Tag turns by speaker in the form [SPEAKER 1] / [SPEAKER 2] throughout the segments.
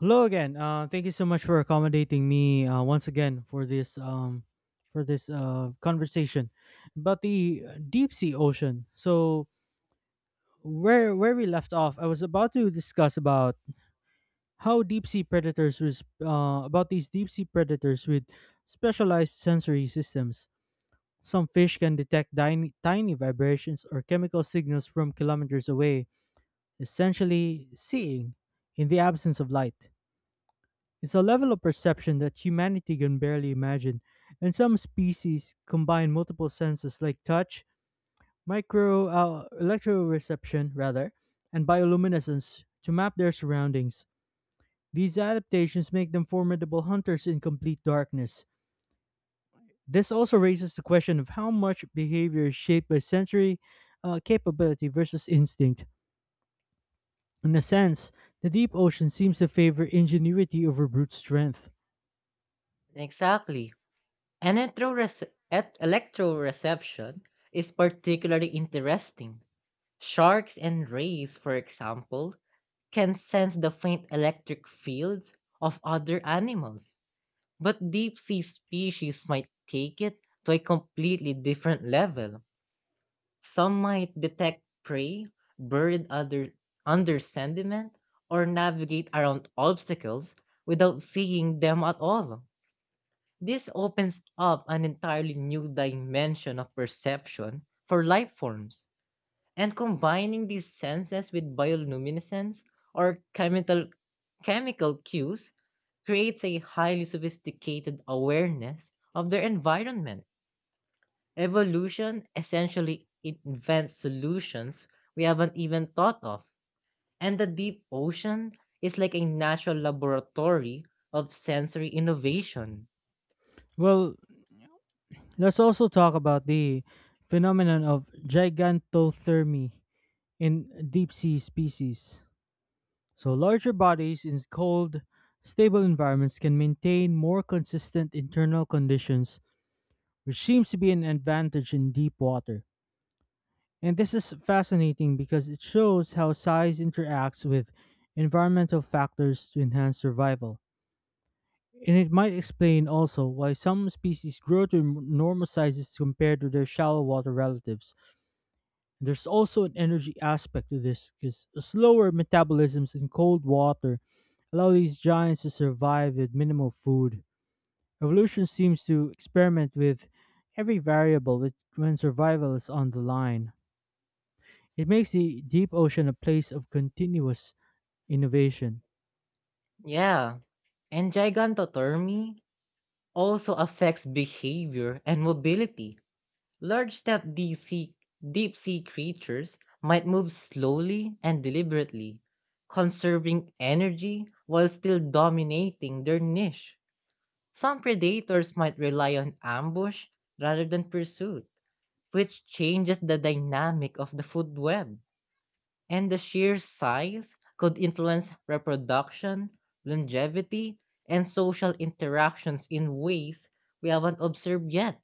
[SPEAKER 1] Hello again. Thank you so much for accommodating me once again for this conversation about the deep sea ocean. So where we left off, I was about to discuss about how deep sea predators was about these deep sea predators with specialized sensory systems. Some fish can detect tiny vibrations or chemical signals from kilometers away, essentially seeing in the absence of light. It's a level of perception that humanity can barely imagine, and some species combine multiple senses like touch, micro electroreception rather, and bioluminescence to map their surroundings. These adaptations make them formidable hunters in complete darkness. This also raises the question of how much behavior is shaped by sensory capability versus instinct. In a sense, the deep ocean seems to favor ingenuity over brute strength.
[SPEAKER 2] Exactly. And electroreception is particularly interesting. Sharks and rays, for example, can sense the faint electric fields of other animals, but deep sea species might take it to a completely different level. Some might detect prey, buried other, under sediment, or navigate around obstacles without seeing them at all. This opens up an entirely new dimension of perception for life forms, and combining these senses with bioluminescence or chemical cues creates a highly sophisticated awareness of their environment. Evolution essentially invents solutions we haven't even thought of, and the deep ocean is like a natural laboratory of sensory innovation.
[SPEAKER 1] Well, let's also talk about the phenomenon of gigantothermy in deep sea species. So, larger bodies in cold, stable environments can maintain more consistent internal conditions, which seems to be an advantage in deep water. And this is fascinating because it shows how size interacts with environmental factors to enhance survival. And it might explain also why some species grow to enormous sizes compared to their shallow water relatives. There's also an energy aspect to this because slower metabolisms in cold water allow these giants to survive with minimal food. Evolution seems to experiment with every variable when survival is on the line. It makes the deep ocean a place of continuous innovation.
[SPEAKER 2] Yeah. And gigantotomy also affects behavior and mobility. Large step deep sea creatures might move slowly and deliberately, conserving energy while still dominating their niche. Some predators might rely on ambush rather than pursuit, which changes the dynamic of the food web and the sheer size could influence reproduction, longevity, and social interactions in ways we haven't observed yet.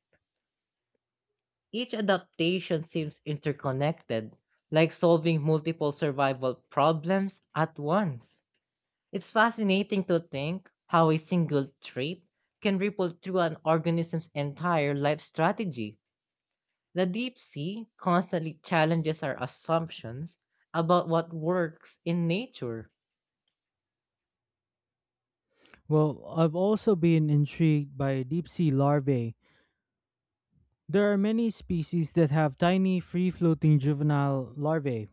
[SPEAKER 2] Each adaptation seems interconnected, like solving multiple survival problems at once. It's fascinating to think how a single trait can ripple through an organism's entire life strategy. The deep sea constantly challenges our assumptions about what works in nature.
[SPEAKER 1] Well, I've also been intrigued by deep sea larvae. There are many species that have tiny free floating juvenile larvae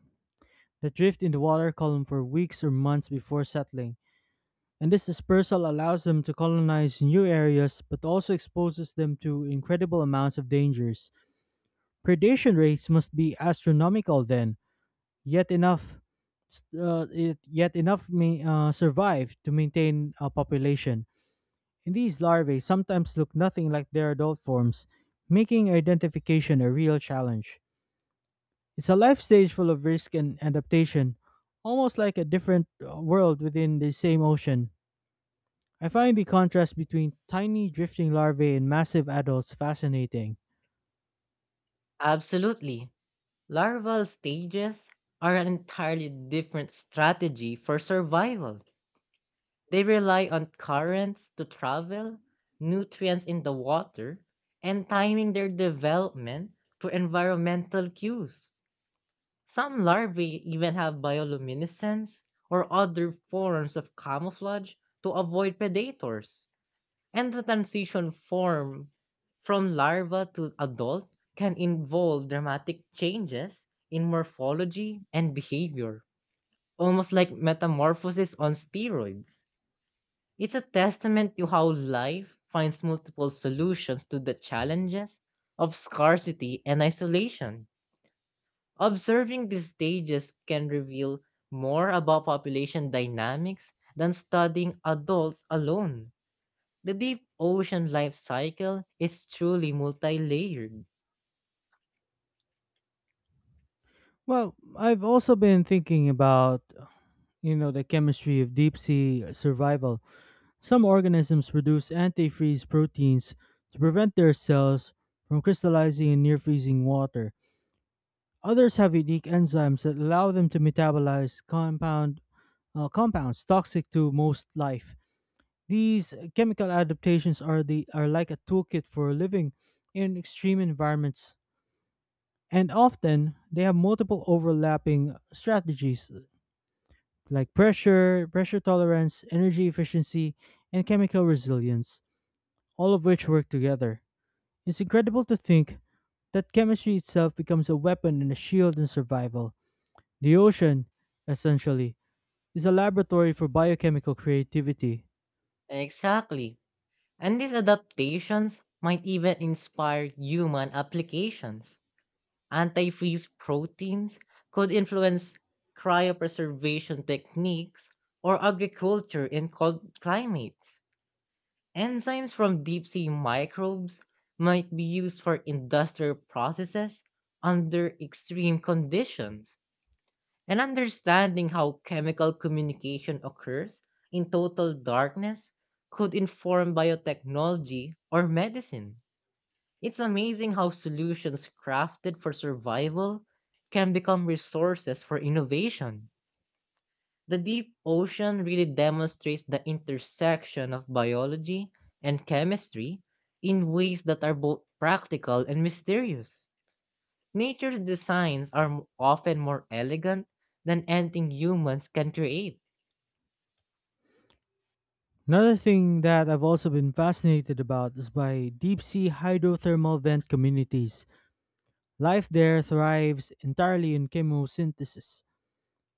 [SPEAKER 1] that drift in the water column for weeks or months before settling, and this dispersal allows them to colonize new areas but also exposes them to incredible amounts of dangers. Predation rates must be astronomical then, yet enough yet enough may survive to maintain a population. And these larvae sometimes look nothing like their adult forms, making identification a real challenge. It's a life stage full of risk and adaptation, almost like a different world within the same ocean. I find the contrast between tiny drifting larvae and massive adults fascinating.
[SPEAKER 2] Absolutely. Larval stages are an entirely different strategy for survival. They rely on currents to travel, nutrients in the water, and timing their development to environmental cues. Some larvae even have bioluminescence or other forms of camouflage to avoid predators and the transition form from larva to adult can involve dramatic changes in morphology and behavior, almost like metamorphosis on steroids. It's a testament to how life finds multiple solutions to the challenges of scarcity and isolation. Observing these stages can reveal more about population dynamics than studying adults alone. The deep ocean life cycle is truly multi-layered.
[SPEAKER 1] Well, I've also been thinking about, you know, the chemistry of deep sea survival. Some organisms produce antifreeze proteins to prevent their cells from crystallizing in near freezing water. Others have unique enzymes that allow them to metabolize compounds toxic to most life. These chemical adaptations are like a toolkit for living in extreme environments, and often they have multiple overlapping strategies like pressure tolerance, energy efficiency, and chemical resilience, all of which work together. It's incredible to think that chemistry itself becomes a weapon and a shield in survival. The ocean, essentially, is a laboratory for biochemical creativity.
[SPEAKER 2] Exactly. And these adaptations might even inspire human applications. Antifreeze proteins could influence cryopreservation techniques or agriculture in cold climates. Enzymes from deep sea microbes might be used for industrial processes under extreme conditions. And understanding how chemical communication occurs in total darkness could inform biotechnology or medicine. It's amazing how solutions crafted for survival can become resources for innovation. The deep ocean really demonstrates the intersection of biology and chemistry in ways that are both practical and mysterious. Nature's designs are often more elegant than anything humans can create.
[SPEAKER 1] Another thing that I've also been fascinated about is by deep sea hydrothermal vent communities. Life there thrives entirely in chemosynthesis,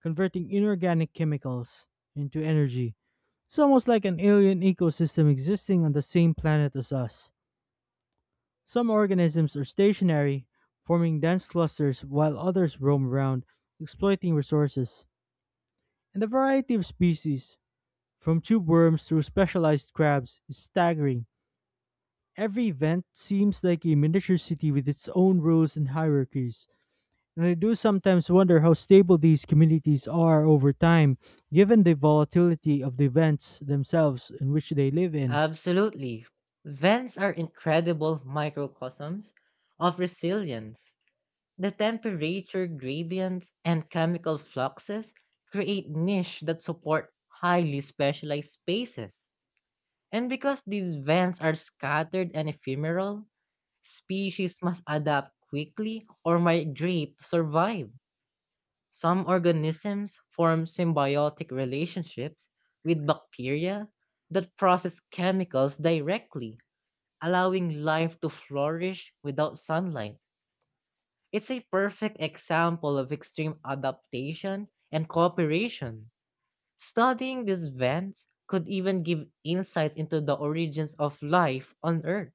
[SPEAKER 1] converting inorganic chemicals into energy. It's almost like an alien ecosystem existing on the same planet as us. Some organisms are stationary, forming dense clusters, while others roam around, exploiting resources, and the variety of species, from tube worms through specialized crabs, is staggering. Every event seems like a miniature city with its own rules and hierarchies, and I do sometimes wonder how stable these communities are over time, given the volatility of the events themselves in which they live in.
[SPEAKER 2] Absolutely. Vents are incredible microcosms of resilience. The temperature gradients and chemical fluxes create niche that support highly specialized spaces. And because these vents are scattered and ephemeral, species must adapt quickly or migrate to survive. Some organisms form symbiotic relationships with bacteria that process chemicals directly, allowing life to flourish without sunlight. It's a perfect example of extreme adaptation and cooperation. Studying these vents could even give insights into the origins of life on Earth.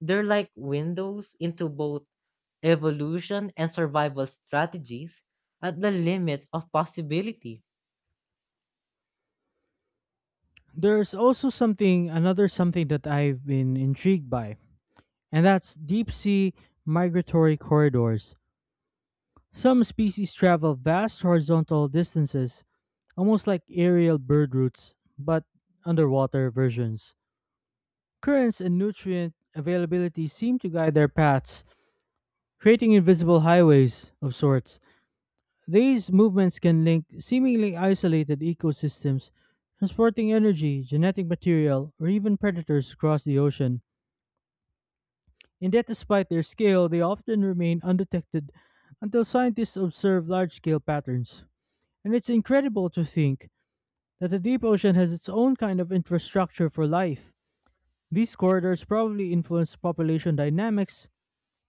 [SPEAKER 2] They're like windows into both evolution and survival strategies at the limits of possibility.
[SPEAKER 1] There's also another something that I've been intrigued by, and that's deep sea migratory corridors. Some species travel vast horizontal distances, almost like aerial bird routes, but underwater versions. Currents and nutrient availability seem to guide their paths, creating invisible highways of sorts. These movements can link seemingly isolated ecosystems, transporting energy, genetic material, or even predators across the ocean. And yet, despite their scale, they often remain undetected until scientists observe large scale patterns. And it's incredible to think that the deep ocean has its own kind of infrastructure for life. These corridors probably influence population dynamics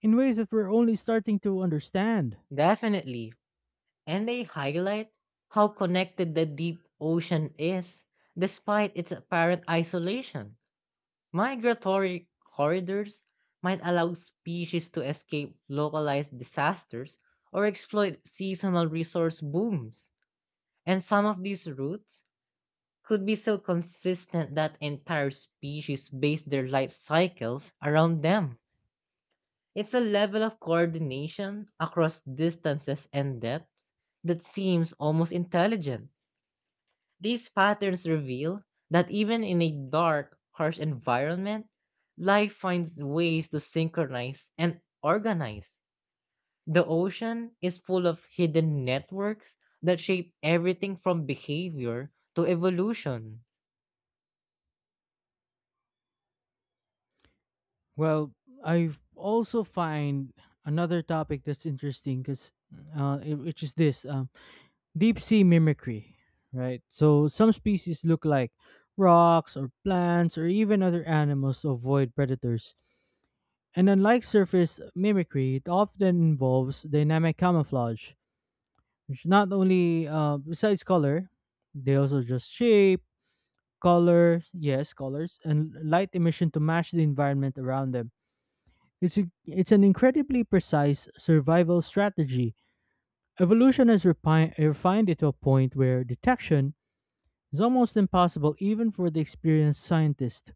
[SPEAKER 1] in ways that we're only starting to understand.
[SPEAKER 2] Definitely. And they highlight how connected the deep ocean is despite its apparent isolation. Migratory corridors might allow species to escape localized disasters or exploit seasonal resource booms. And some of these routes could be so consistent that entire species base their life cycles around them. It's a level of coordination across distances and depths that seems almost intelligent. These patterns reveal that even in a dark, harsh environment, life finds ways to synchronize and organize. The ocean is full of hidden networks that shape everything from behavior to evolution.
[SPEAKER 1] Well, I also find another topic that's interesting because it- which is this deep sea mimicry, right? So some species look like rocks or plants or even other animals to avoid predators. And unlike surface mimicry, it often involves dynamic camouflage, which not only, besides color, they also adjust shape, colors, and light emission to match the environment around them. It's an incredibly precise survival strategy. Evolution has refined it to a point where detection is almost impossible even for the experienced scientist.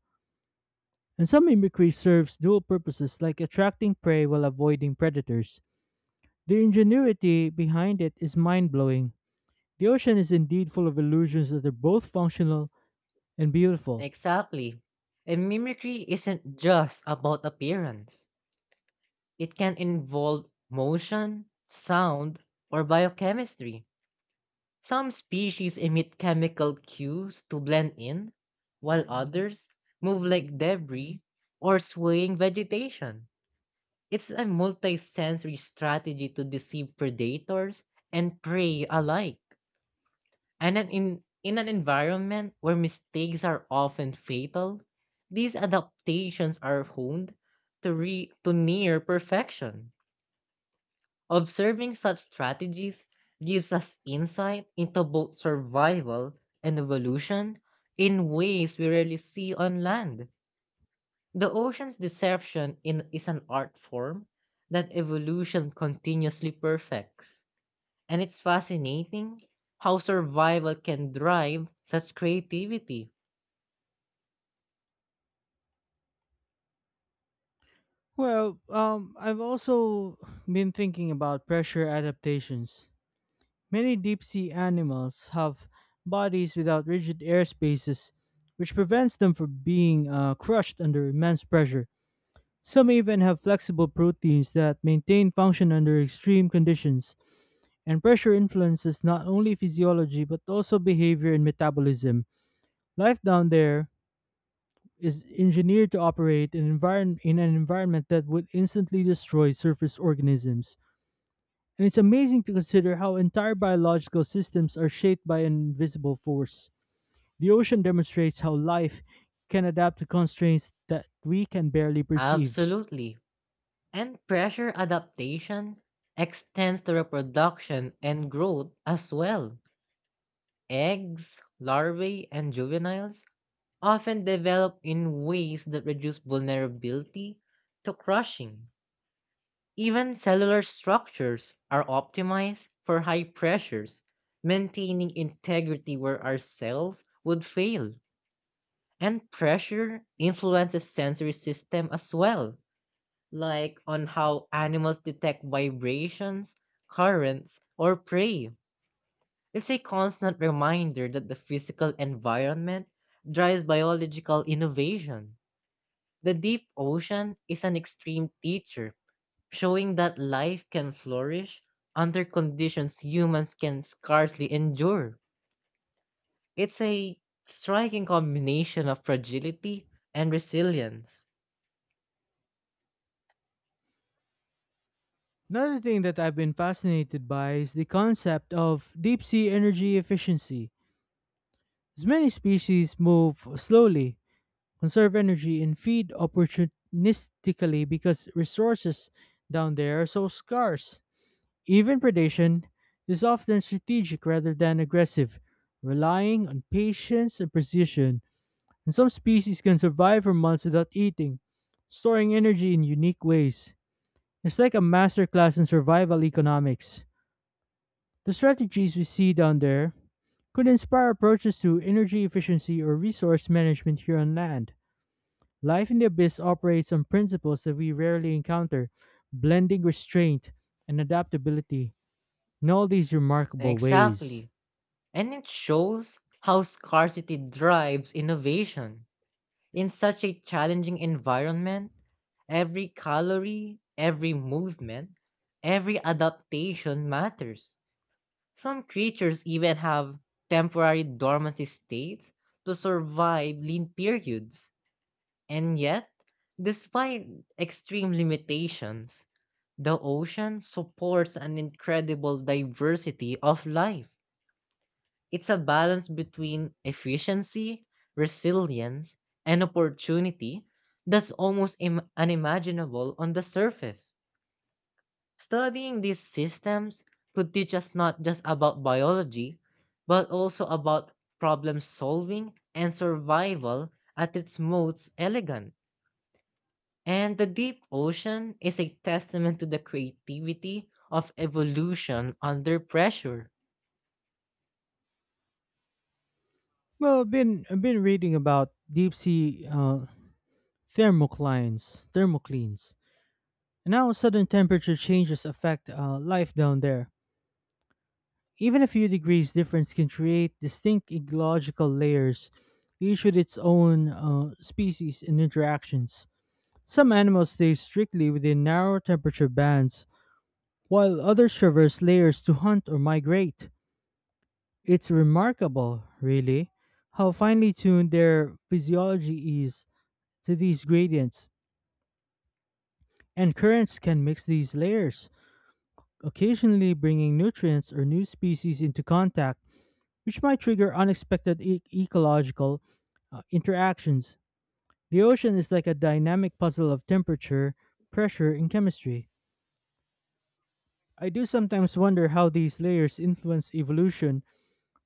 [SPEAKER 1] And some mimicry serves dual purposes like attracting prey while avoiding predators. The ingenuity behind it is mind blowing. The ocean is indeed full of illusions that are both functional and beautiful.
[SPEAKER 2] Exactly. And mimicry isn't just about appearance. It can involve motion, sound, or biochemistry. Some species emit chemical cues to blend in, while others move like debris or swaying vegetation. It's a multisensory strategy to deceive predators and prey alike. And in an environment where mistakes are often fatal, these adaptations are honed to near perfection. Observing such strategies gives us insight into both survival and evolution in ways we rarely see on land. The ocean's is an art form that evolution continuously perfects. And it's fascinating how survival can drive such creativity.
[SPEAKER 1] I've also been thinking about pressure adaptations. Many deep sea animals have bodies without rigid air spaces, which prevents them from being crushed under immense pressure. Some even have flexible proteins that maintain function under extreme conditions, and pressure influences not only physiology but also behavior and metabolism. Life down there is engineered to operate in an environment that would instantly destroy surface organisms. And it's amazing to consider how entire biological systems are shaped by an invisible force. The ocean demonstrates how life can adapt to constraints that we can barely perceive.
[SPEAKER 2] Absolutely. And pressure adaptation extends to reproduction and growth as well. Eggs, larvae, and juveniles often develop in ways that reduce vulnerability to crushing. Even cellular structures are optimized for high pressures, maintaining integrity where our cells would fail. And pressure influences sensory system as well, like on how animals detect vibrations, currents, or prey. It's a constant reminder that the physical environment drives biological innovation. The deep ocean is an extreme teacher, showing that life can flourish under conditions humans can scarcely endure. It's a striking combination of fragility and resilience.
[SPEAKER 1] Another thing that I've been fascinated by is the concept of deep sea energy efficiency. As many species move slowly, conserve energy and feed opportunistically because resources down there are so scarce. Even predation is often strategic rather than aggressive, relying on patience and precision. And some species can survive for months without eating, storing energy in unique ways. It's like a masterclass in survival economics. The strategies we see down there could inspire approaches to energy efficiency or resource management here on land. Life in the Abyss operates on principles that we rarely encounter, blending restraint and adaptability in all these remarkable ways.
[SPEAKER 2] Exactly. And it shows how scarcity drives innovation. In such a challenging environment, every calorie, every movement, every adaptation matters. Some creatures even have temporary dormancy states to survive lean periods. And yet, despite extreme limitations, the ocean supports an incredible diversity of life. It's a balance between efficiency, resilience, and opportunity that's almost unimaginable on the surface. Studying these systems could teach us not just about biology, but also about problem solving and survival at its most elegant. And the deep ocean is a testament to the creativity of evolution under pressure.
[SPEAKER 1] Well, I've been reading about deep sea thermoclines, and how sudden temperature changes affect life down there. Even a few degrees difference can create distinct ecological layers, each with its own species and interactions. Some animals stay strictly within narrow temperature bands while others traverse layers to hunt or migrate. It's remarkable, really, how finely tuned their physiology is to these gradients, and currents can mix these layers, occasionally bringing nutrients or new species into contact, which might trigger unexpected ecological interactions. The ocean is like a dynamic puzzle of temperature, pressure, and chemistry. I do sometimes wonder how these layers influence evolution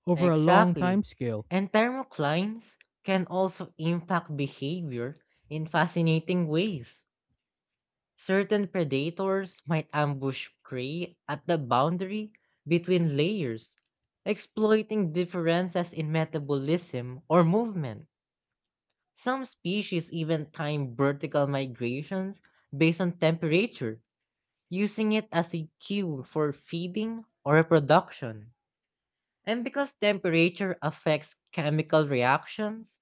[SPEAKER 1] over a long time
[SPEAKER 2] Exactly.
[SPEAKER 1] scale.
[SPEAKER 2] And thermoclines can also impact behavior in fascinating ways. Certain predators might ambush prey at the boundary between layers, exploiting differences in metabolism or movement. Some species even time vertical migrations based on temperature, using it as a cue for feeding or reproduction. And because temperature affects chemical reactions,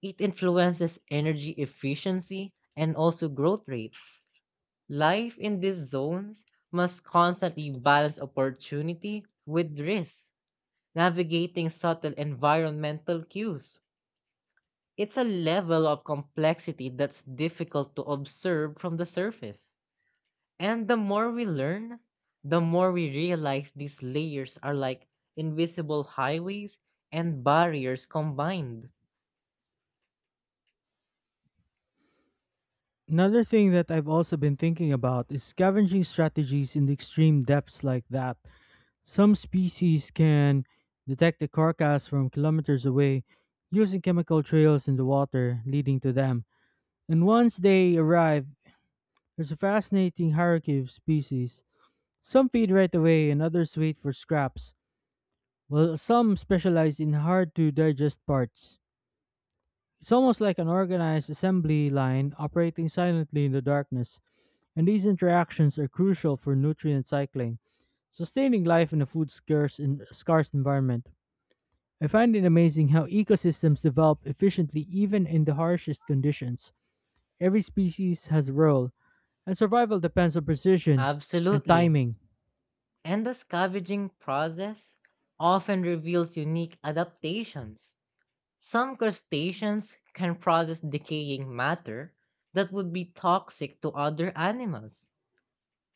[SPEAKER 2] it influences energy efficiency and also growth rates. Life in these zones must constantly balance opportunity with risk, navigating subtle environmental cues. It's a level of complexity that's difficult to observe from the surface. And the more we learn, the more we realize these layers are like invisible highways and barriers combined.
[SPEAKER 1] Another thing that I've also been thinking about is scavenging strategies in the extreme depths like that. Some species can detect the carcass from kilometers away using chemical trails in the water leading to them. And once they arrive, there's a fascinating hierarchy of species. Some feed right away and others wait for scraps, while some specialize in hard to digest parts. It's almost like an organized assembly line operating silently in the darkness, and these interactions are crucial for nutrient cycling, sustaining life in a food scarce environment. I find it amazing how ecosystems develop efficiently even in the harshest conditions. Every species has a role, and survival depends on precision and
[SPEAKER 2] Absolutely.
[SPEAKER 1] timing.
[SPEAKER 2] And the scavenging process often reveals unique adaptations. Some crustaceans can process decaying matter that would be toxic to other animals.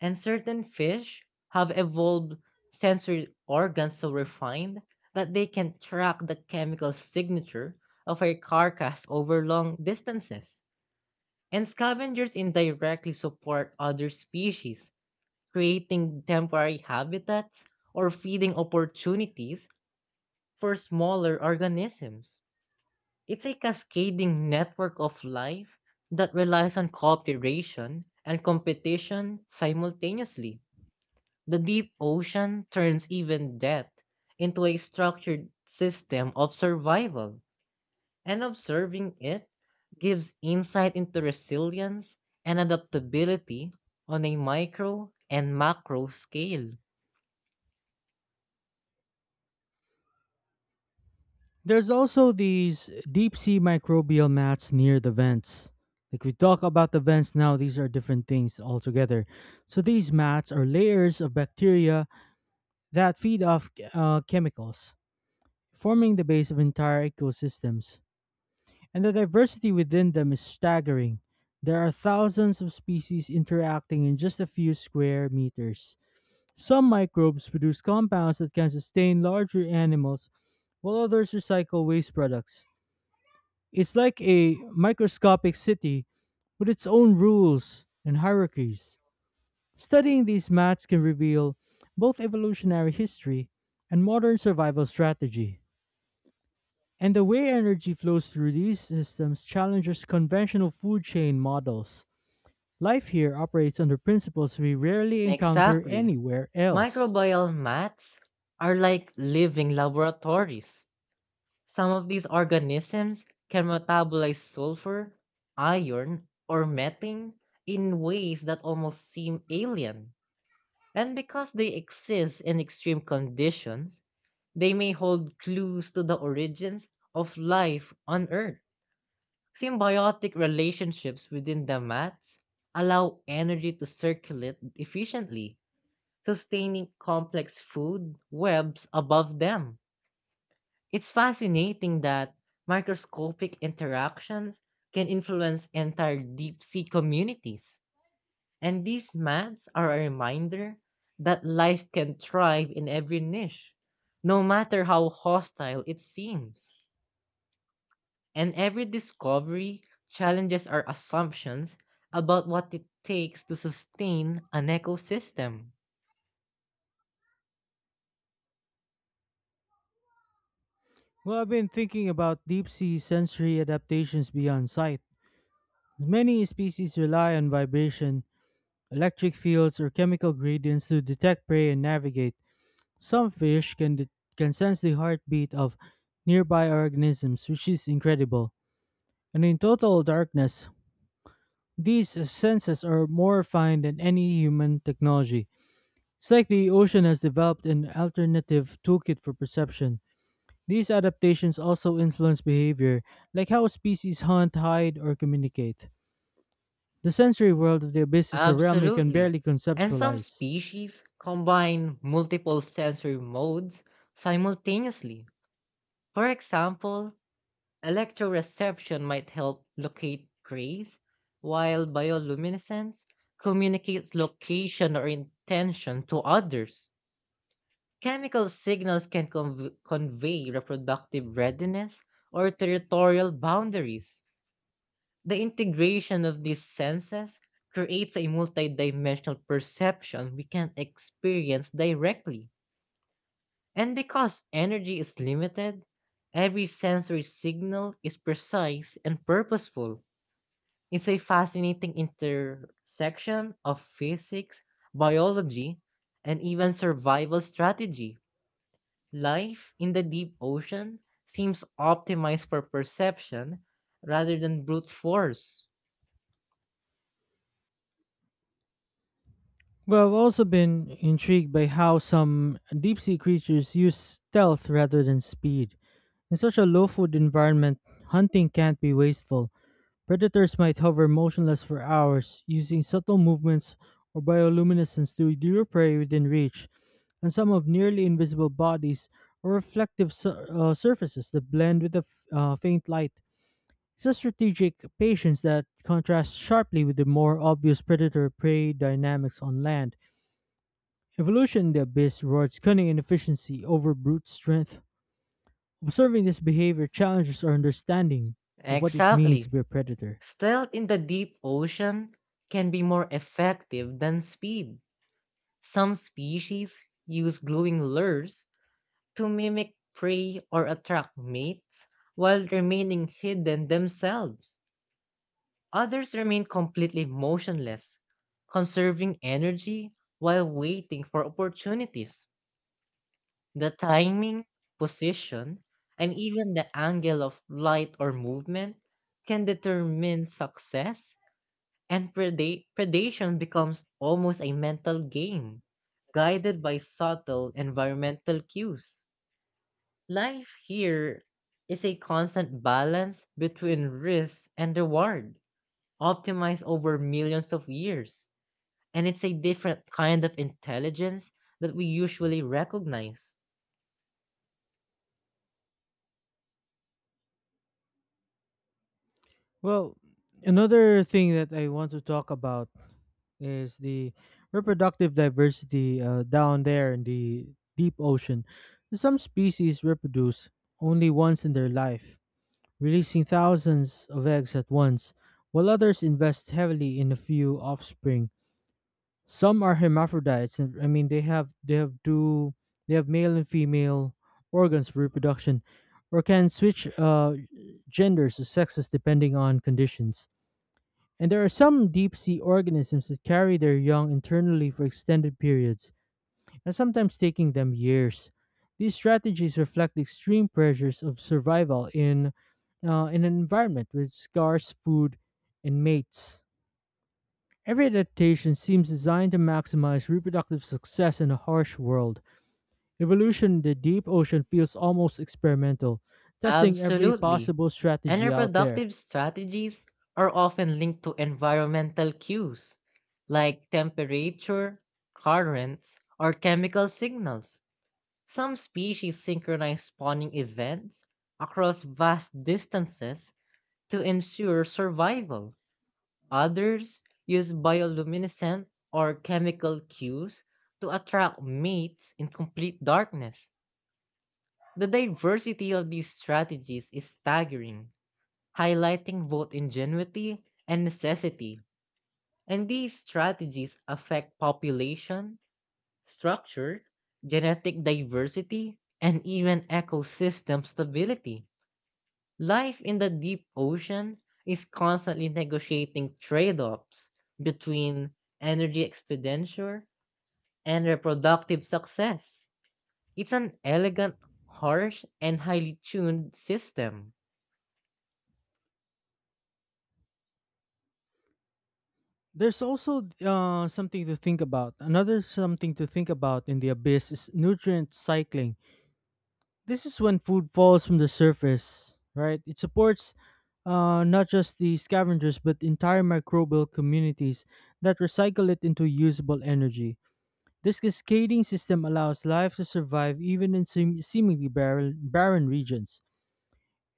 [SPEAKER 2] And certain fish have evolved sensory organs so refined that they can track the chemical signature of a carcass over long distances. And scavengers indirectly support other species, creating temporary habitats or feeding opportunities for smaller organisms. It's a cascading network of life that relies on cooperation and competition simultaneously. The deep ocean turns even death into a structured system of survival, and observing it gives insight into resilience and adaptability on a micro and macro scale.
[SPEAKER 1] There's also these deep sea microbial mats near the vents. Like we talk about the vents now, these are different things altogether. So these mats are layers of bacteria that feed off chemicals, forming the base of entire ecosystems. And the diversity within them is staggering. There are thousands of species interacting in just a few square meters. Some microbes produce compounds that can sustain larger animals, while others recycle waste products. It's like a microscopic city with its own rules and hierarchies. Studying these maps can reveal both evolutionary history and modern survival strategy. And the way energy flows through these systems challenges conventional food chain models. Life here operates under principles we rarely encounter
[SPEAKER 2] Exactly.
[SPEAKER 1] anywhere else.
[SPEAKER 2] Microbial mats are like living laboratories. Some of these organisms can metabolize sulfur, iron, or methane in ways that almost seem alien. And because they exist in extreme conditions, they may hold clues to the origins of life on Earth. Symbiotic relationships within the mats allow energy to circulate efficiently, sustaining complex food webs above them. It's fascinating that microscopic interactions can influence entire deep sea communities. And these maps are a reminder that life can thrive in every niche, no matter how hostile it seems. And every discovery challenges our assumptions about what it takes to sustain an ecosystem.
[SPEAKER 1] Well, I've been thinking about deep sea sensory adaptations beyond sight. Many species rely on vibration, electric fields, or chemical gradients to detect prey and navigate. Some can sense the heartbeat of nearby organisms, which is incredible. And in total darkness, these senses are more refined than any human technology. It's like the ocean has developed an alternative toolkit for perception. These adaptations also influence behavior, like how species hunt, hide, or communicate. The sensory world of the abyss is a realm you can
[SPEAKER 2] Absolutely.
[SPEAKER 1] barely
[SPEAKER 2] And some
[SPEAKER 1] conceptualize.
[SPEAKER 2] species combine multiple sensory modes simultaneously. For example, electroreception might help locate trace, while bioluminescence communicates location or intention to others. Chemical signals can convey reproductive readiness or territorial boundaries. The integration of these senses creates a multidimensional perception we can't experience directly. And because energy is limited, every sensory signal is precise and purposeful. It's a fascinating intersection of physics, biology, and even survival strategy. Life in the deep ocean seems optimized for perception rather than brute force.
[SPEAKER 1] Well, I've also been intrigued by how some deep sea creatures use stealth rather than speed. In such a low food environment, hunting can't be wasteful. Predators might hover motionless for hours, using subtle movements or bioluminescence to lure prey within reach, and some have nearly invisible bodies or reflective surfaces that blend with the faint light. It's a strategic patience that contrasts sharply with the more obvious predator prey dynamics on land. Evolution in the abyss rewards cunning and efficiency over brute strength. Observing this behavior challenges our understanding of what it means to
[SPEAKER 2] Exactly.
[SPEAKER 1] be a predator.
[SPEAKER 2] Stealth in the deep ocean can be more effective than speed. Some species use gluing lures to mimic prey or attract mates while remaining hidden themselves. Others remain completely motionless, conserving energy while waiting for opportunities. The timing, position, and even the angle of light or movement can determine success and predation becomes almost a mental game, guided by subtle environmental cues. Life here is a constant balance between risk and reward, optimized over millions of years, and it's a different kind of intelligence that we usually recognize.
[SPEAKER 1] Well, another thing that I want to talk about is the reproductive diversity down there in the deep ocean. Some species reproduce only once in their life, releasing thousands of eggs at once, while others invest heavily in a few offspring. Some are hermaphrodites, and I mean they have two they have male and female organs for reproduction, or can switch genders or sexes depending on conditions. And there are some deep sea organisms that carry their young internally for extended periods, and sometimes taking them years. These strategies reflect the extreme pressures of survival in an environment with scarce food and mates. Every adaptation seems designed to maximize reproductive success in a harsh world. Evolution in the deep ocean feels almost experimental, testing every
[SPEAKER 2] Absolutely.
[SPEAKER 1] possible
[SPEAKER 2] And
[SPEAKER 1] strategy out there.
[SPEAKER 2] reproductive strategies are often linked to environmental cues like temperature, currents, or chemical signals. Some species synchronize spawning events across vast distances to ensure survival. Others use bioluminescent or chemical cues to attract mates in complete darkness. The diversity of these strategies is staggering, highlighting both ingenuity and necessity. And these strategies affect population, structure, genetic diversity, and even ecosystem stability. Life in the deep ocean is constantly negotiating trade offs between energy expenditure and reproductive success. It's an elegant, harsh, and highly tuned system.
[SPEAKER 1] There's also something to think about. Another something to think about in the abyss is nutrient cycling. This is when food falls from the surface, right? It supports not just the scavengers but entire microbial communities that recycle it into usable energy. This cascading system allows life to survive even in seemingly barren regions.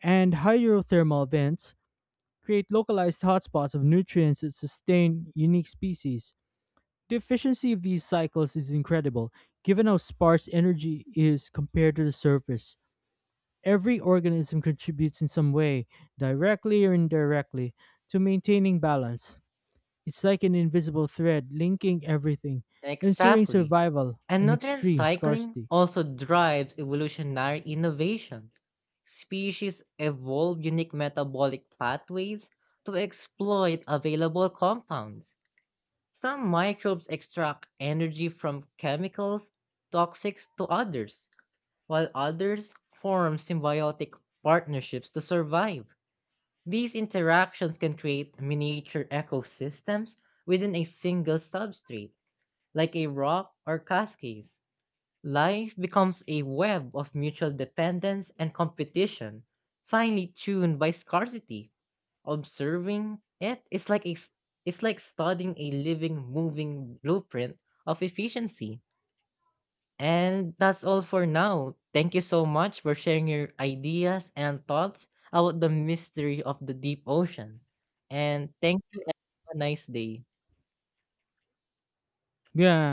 [SPEAKER 1] And hydrothermal vents create localized hotspots of nutrients that sustain unique species. The efficiency of these cycles is incredible, given how sparse energy is compared to the surface. Every organism contributes in some way, directly or indirectly, to maintaining balance. It's like an invisible thread linking everything, ensuring
[SPEAKER 2] Exactly.
[SPEAKER 1] survival
[SPEAKER 2] And
[SPEAKER 1] in
[SPEAKER 2] nutrient
[SPEAKER 1] extreme
[SPEAKER 2] cycling
[SPEAKER 1] scarcity.
[SPEAKER 2] also drives evolutionary innovation. Species evolve unique metabolic pathways to exploit available compounds. Some microbes extract energy from chemicals toxic to others, while others form symbiotic partnerships to survive. These interactions can create miniature ecosystems within a single substrate like a rock or cascades, life becomes a web of mutual dependence and competition, finely tuned by scarcity. Observing it is it's like studying a living, moving blueprint of efficiency. And that's all for now. Thank you so much for sharing your ideas and thoughts about the mystery of the deep ocean. And thank you and have a nice day.
[SPEAKER 1] Yeah,